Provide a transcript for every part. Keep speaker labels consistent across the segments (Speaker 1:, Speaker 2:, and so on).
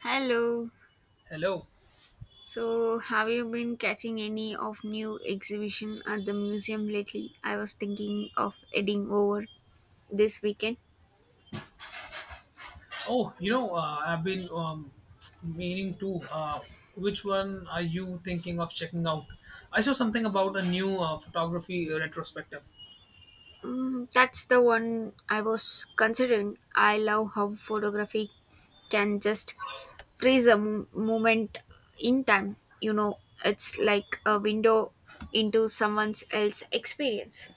Speaker 1: Hello.
Speaker 2: Hello.
Speaker 1: So, have you been catching any of new exhibition at the museum lately? I was thinking of heading over this weekend.
Speaker 2: Oh, you know, I've been meaning to. Which one are you thinking of checking out? I saw something about a new photography retrospective.
Speaker 1: Mm, that's the one I was considering. I love how photography can just freeze a moment in time. It's like a window into someone else's experience.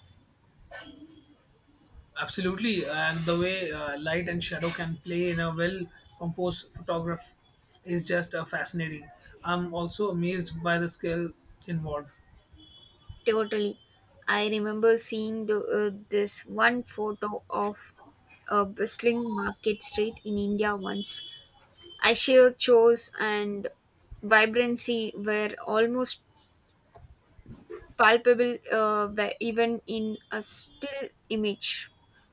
Speaker 2: Absolutely, and the way light and shadow can play in a well composed photograph is just fascinating. I'm also amazed by the skill involved.
Speaker 1: Totally. I remember seeing this one photo of a bustling market street in India once. I sheer chose and vibrancy were almost palpable were even in a still image.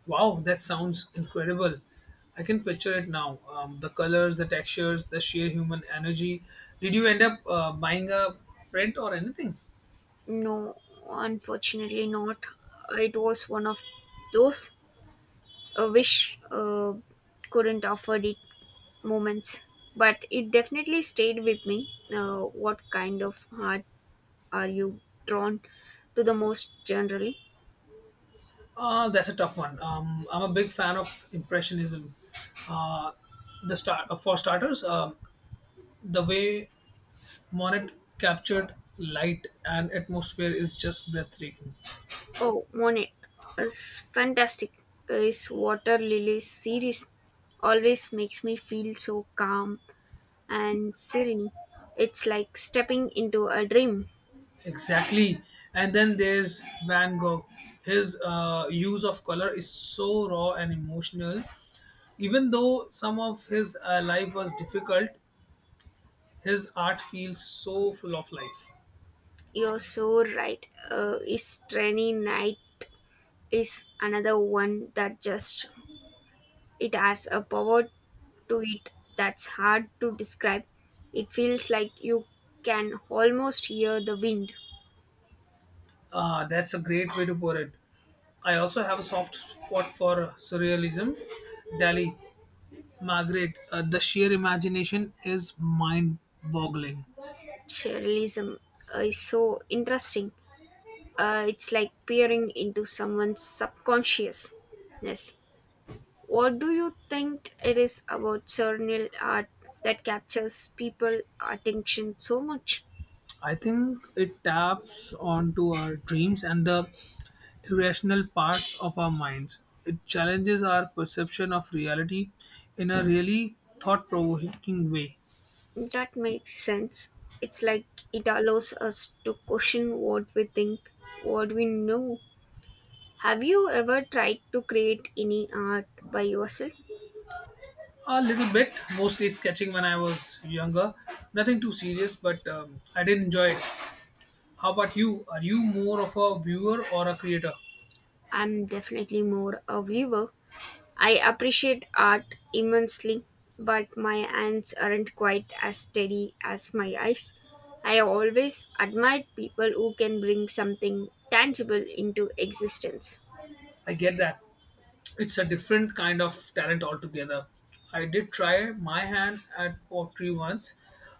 Speaker 2: Wow, that sounds incredible. I can picture it now. The colors, the textures, the sheer human energy. Did you end up buying a print or anything?
Speaker 1: No, unfortunately not. It was one of those wish couldn't offer it moments, but it definitely stayed with me. What kind of art are you drawn to the most generally?
Speaker 2: That's a tough one. I'm a big fan of Impressionism. Uh, For starters, the way Monet captured light and atmosphere is just breathtaking.
Speaker 1: Oh, Monet is fantastic. His water lily series always makes me feel so calm and serene. It's like stepping into a dream.
Speaker 2: Exactly. And then there's Van Gogh. His use of color is so raw and emotional. Even though some of his life was difficult, his art feels so full of life.
Speaker 1: You're so right. His rainy night is another one that just— it has a power to it that's hard to describe. It feels like you can almost hear the wind.
Speaker 2: Ah, that's a great way to put it. I also have a soft spot for surrealism. Dali, Margaret, the sheer imagination is mind boggling.
Speaker 1: Surrealism is so interesting. It's like peering into someone's subconsciousness. What do you think it is about surreal art that captures people's attention so much?
Speaker 2: I think it taps onto our dreams and the irrational parts of our minds. It challenges our perception of reality in a really thought provoking way.
Speaker 1: That makes sense. It's like it allows us to question what we think, what we know. Have you ever tried to create any art by yourself?
Speaker 2: A little bit, mostly sketching when I was younger. Nothing too serious, but I did enjoy it. How about you? Are you more of a viewer or a creator?
Speaker 1: I'm definitely more a viewer. I appreciate art immensely, but my hands aren't quite as steady as my eyes. I have always admired people who can bring something tangible into existence.
Speaker 2: I get that. It's a different kind of talent altogether. I did try my hand at pottery once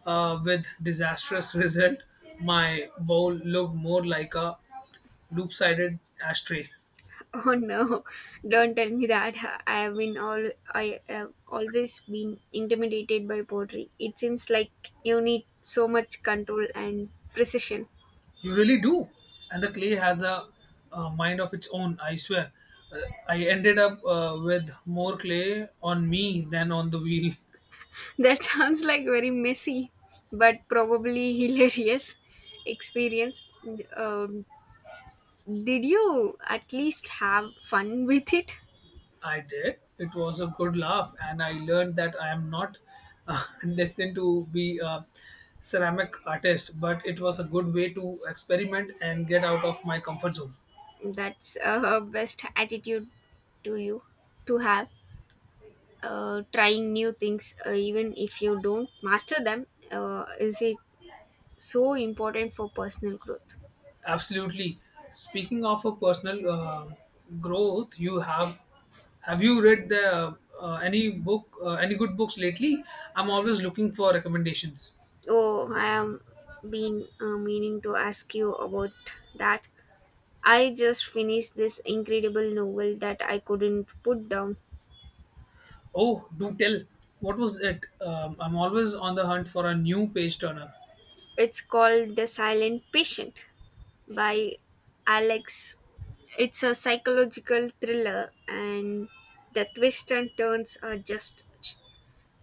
Speaker 2: with disastrous result. My bowl looked more like a loop-sided ashtray.
Speaker 1: Oh no, don't tell me that. I have been all I have always been intimidated by poetry. It seems like you need so much control and precision.
Speaker 2: You really do. And the clay has a, mind of its own, I swear. Uh, I ended up with more clay on me than on the wheel.
Speaker 1: That sounds like very messy, but probably hilarious experience. Um, did you at least have fun with it?
Speaker 2: I did. It was a good laugh, and I learned that I am not uh, destined to be a ceramic artist, but it was a good way to experiment and get out of my comfort zone.
Speaker 1: That's best attitude to you to have. Trying new things, even if you don't master them, is it so important for personal growth?
Speaker 2: Absolutely. Speaking of a personal growth, you have you read the any good books lately? I'm always looking for recommendations.
Speaker 1: Oh, I am been meaning to ask you about that. I just finished this incredible novel that I couldn't put down.
Speaker 2: Oh, do tell. What was it? I'm always on the hunt for a new page turner.
Speaker 1: It's called The Silent Patient by Alex. It's a psychological thriller, and the twists and turns are just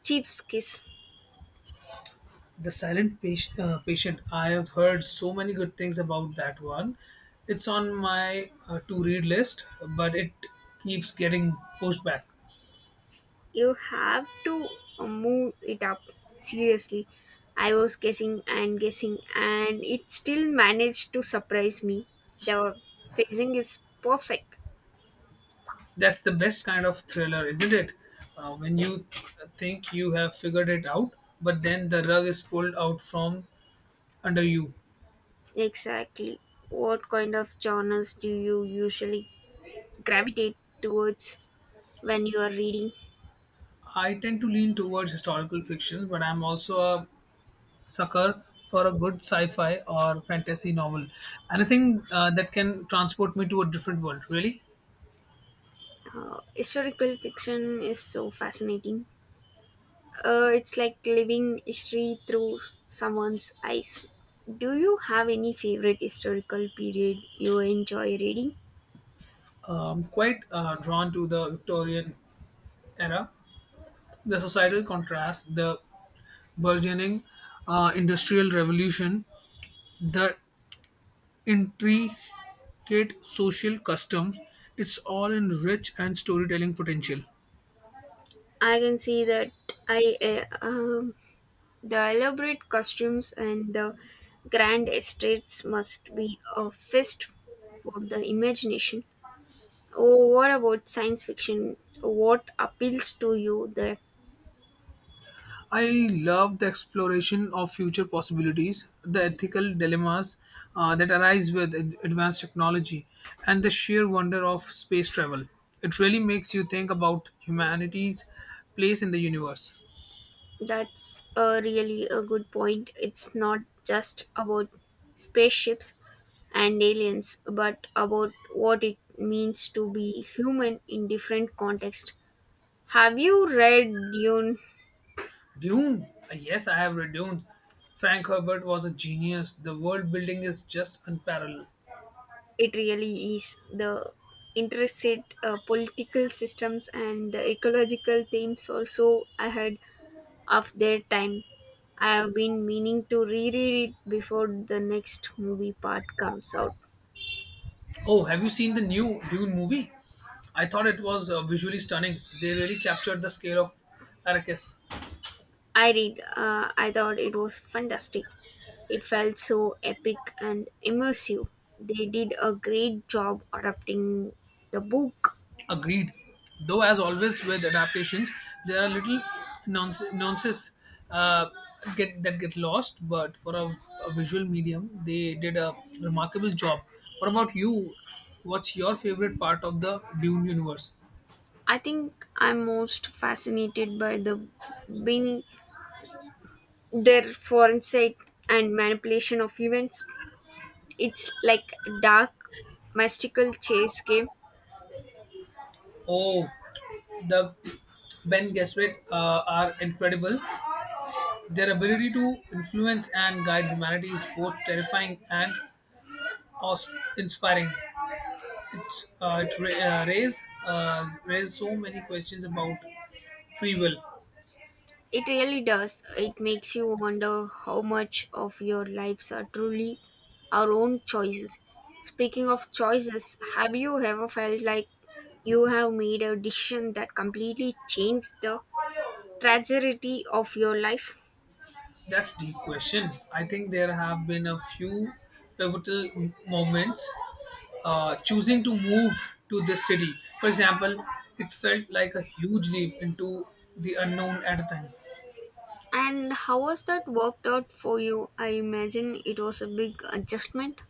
Speaker 1: chief's kiss.
Speaker 2: The Silent Patient. Patient. I have heard so many good things about that one. It's on my to read list, but it keeps getting pushed back.
Speaker 1: You have to move it up. Seriously, I was guessing and guessing, and it still managed to surprise me. The pacing is perfect.
Speaker 2: That's the best kind of thriller, isn't it? When you think you have figured it out, but then the rug is pulled out from under you.
Speaker 1: Exactly. What kind of genres do you usually gravitate towards when you are reading?
Speaker 2: I tend to lean towards historical fiction, but I'm also a sucker for a good sci fi or fantasy novel. Anything that can transport me to a different world, really.
Speaker 1: Historical fiction is so fascinating. It's like living history through someone's eyes. Do you have any favorite historical period you enjoy reading?
Speaker 2: Quite drawn to the Victorian era, the societal contrast, the burgeoning industrial revolution, the intricate social customs. It's all in rich and storytelling potential.
Speaker 1: I can see that. I The elaborate costumes and the grand estates must be a feast for the imagination. Oh, what about science fiction? What appeals to you there?
Speaker 2: I love the exploration of future possibilities, the ethical dilemmas that arise with advanced technology, and the sheer wonder of space travel. It really makes you think about humanity's place in the universe.
Speaker 1: That's a really a good point. It's not just about spaceships and aliens, but about what it means to be human in different contexts. Have you read Dune?
Speaker 2: Dune. Yes, I have read Dune. Frank Herbert was a genius. The world building is just unparalleled.
Speaker 1: It really is. The intricate political systems and the ecological themes also I had of their time. I have been meaning to reread it before the next movie part comes out.
Speaker 2: Oh, have you seen the new Dune movie? I thought it was visually stunning. They really captured the scale of Arrakis.
Speaker 1: I thought it was fantastic. It felt so epic and immersive. They did a great job adapting the book.
Speaker 2: Agreed. Though, as always with adaptations, there are little nonsense uh, get lost. But for a visual medium, they did a remarkable job. What about you? What's your favorite part of the Dune universe?
Speaker 1: I think I'm most fascinated by the being their forensic and manipulation of events. It's like a dark mystical chase game.
Speaker 2: Oh, the Ben Gesserit are incredible. Their ability to influence and guide humanity is both terrifying and awe-inspiring. It raise so many questions about free will.
Speaker 1: It really does. It makes you wonder how much of your lives are truly our own choices. Speaking of choices, have you ever felt like you have made a decision that completely changed the trajectory of your life?
Speaker 2: That's deep question. I think there have been a few pivotal moments choosing to move to this city. For example, it felt like a huge leap into the unknown at a time.
Speaker 1: And how has that worked out for you? I imagine it was a big adjustment.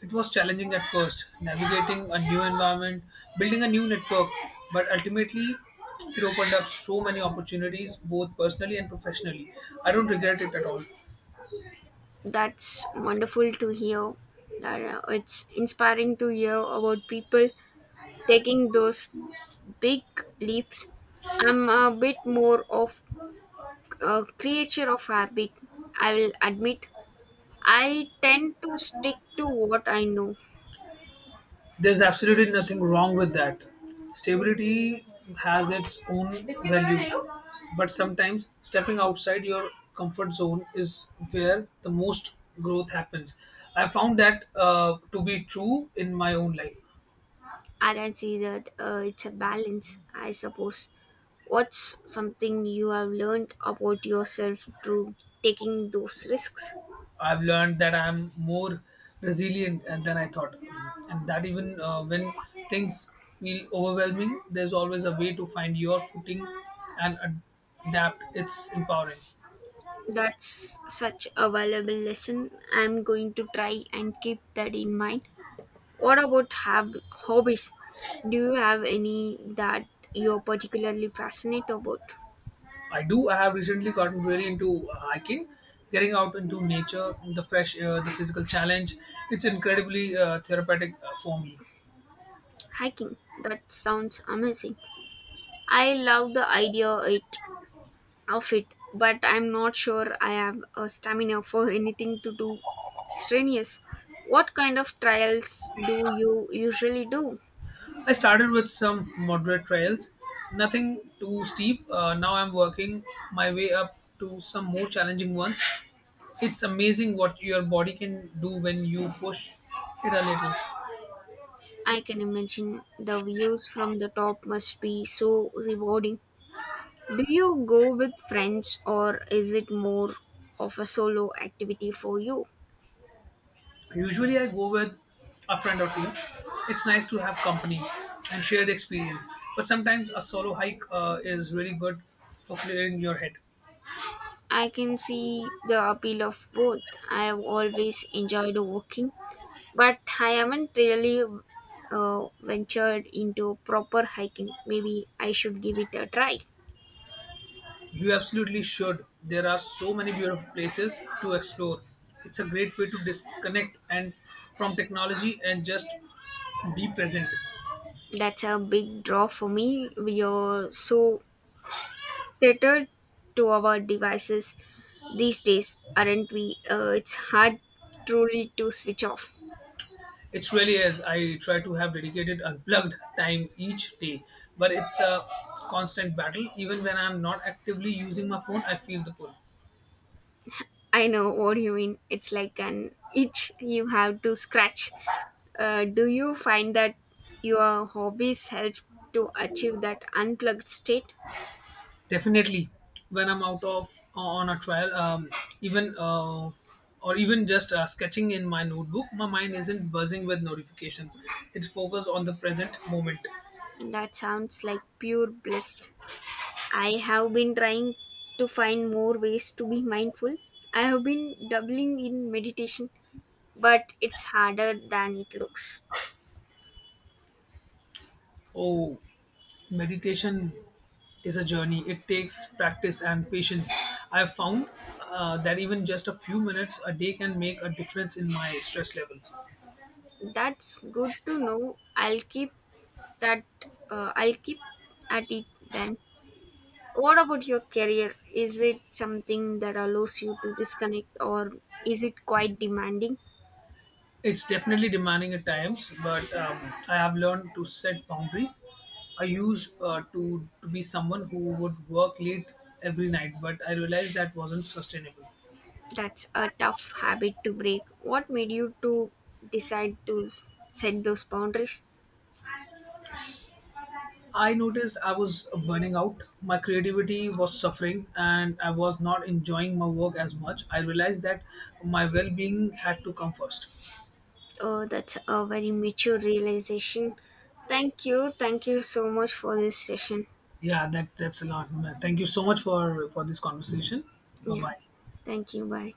Speaker 2: It was challenging at first, navigating a new environment, building a new network, but ultimately it opened up so many opportunities, both personally and professionally. I don't regret it at all.
Speaker 1: That's wonderful to hear. It's inspiring to hear about people taking those big leaps. I'm a bit more of a creature of habit, I will admit. I tend to stick to what I know.
Speaker 2: There's absolutely nothing wrong with that. Stability has its own value, but sometimes stepping outside your comfort zone is where the most growth happens. I found that to be true in my own life.
Speaker 1: I can see that. It's a balance, I suppose. What's something you have learned about yourself through taking those risks?
Speaker 2: I've learned that I'm more resilient than I thought, and that even when things feel overwhelming, there's always a way to find your footing and adapt. It's empowering.
Speaker 1: That's such a valuable lesson. I'm going to try and keep that in mind. What about hobbies? Do you have any that you're particularly passionate about?
Speaker 2: I do. I have recently gotten really into hiking, getting out into nature, the fresh air, the physical challenge. It's incredibly therapeutic for me.
Speaker 1: Hiking. That sounds amazing. I love of it, but I'm not sure I have a stamina for anything to do strenuous. What kind of trials do you usually do?
Speaker 2: I started with some moderate trails, nothing too steep. Now I'm working my way up to some more challenging ones. It's amazing what your body can do when you push it a little.
Speaker 1: I can imagine the views from the top must be so rewarding. Do you go with friends, or is it more of a solo activity for you?
Speaker 2: Usually, I go with a friend or two. It's nice to have company and share the experience, but sometimes a solo hike is really good for clearing your head.
Speaker 1: I can see the appeal of both. I have always enjoyed walking, but I haven't really ventured into proper hiking. Maybe I should give it a try.
Speaker 2: You absolutely should. There are so many beautiful places to explore. It's a great way to disconnect and from technology and just be present.
Speaker 1: That's a big draw for me. We are so tethered to our devices these days, aren't we? It's hard truly to switch off.
Speaker 2: It really is. I try to have dedicated unplugged time each day, but it's a constant battle. Even when I'm not actively using my phone, I feel the pull.
Speaker 1: I know what you mean. It's like an itch you have to scratch. Do you find that your hobbies help to achieve that unplugged state?
Speaker 2: Definitely, when I'm out of on a trial, even or even just sketching in my notebook, my mind isn't buzzing with notifications. It's focused on the present moment.
Speaker 1: That sounds like pure bliss. I have been trying to find more ways to be mindful. I have been doubling in meditation, but it's harder than it looks.
Speaker 2: Oh, meditation is a journey. It takes practice and patience. I've found that even just a few minutes a day can make a difference in my stress level.
Speaker 1: That's good to know. I'll keep that. I'll keep at it then. What about your career? Is it something that allows you to disconnect, or is it quite demanding?
Speaker 2: It's definitely demanding at times, but I have learned to set boundaries. I used to be someone who would work late every night, but I realized that wasn't sustainable.
Speaker 1: That's a tough habit to break. What made you to decide to set those boundaries?
Speaker 2: I noticed I was burning out, my creativity was suffering, and I was not enjoying my work as much. I realized that my well-being had to come first.
Speaker 1: Oh, that's a very mature realization. Thank you. Thank you so much for this session.
Speaker 2: Yeah, that's a lot. Thank you so much for this conversation. Bye
Speaker 1: Yeah.
Speaker 2: bye.
Speaker 1: Thank you. Bye.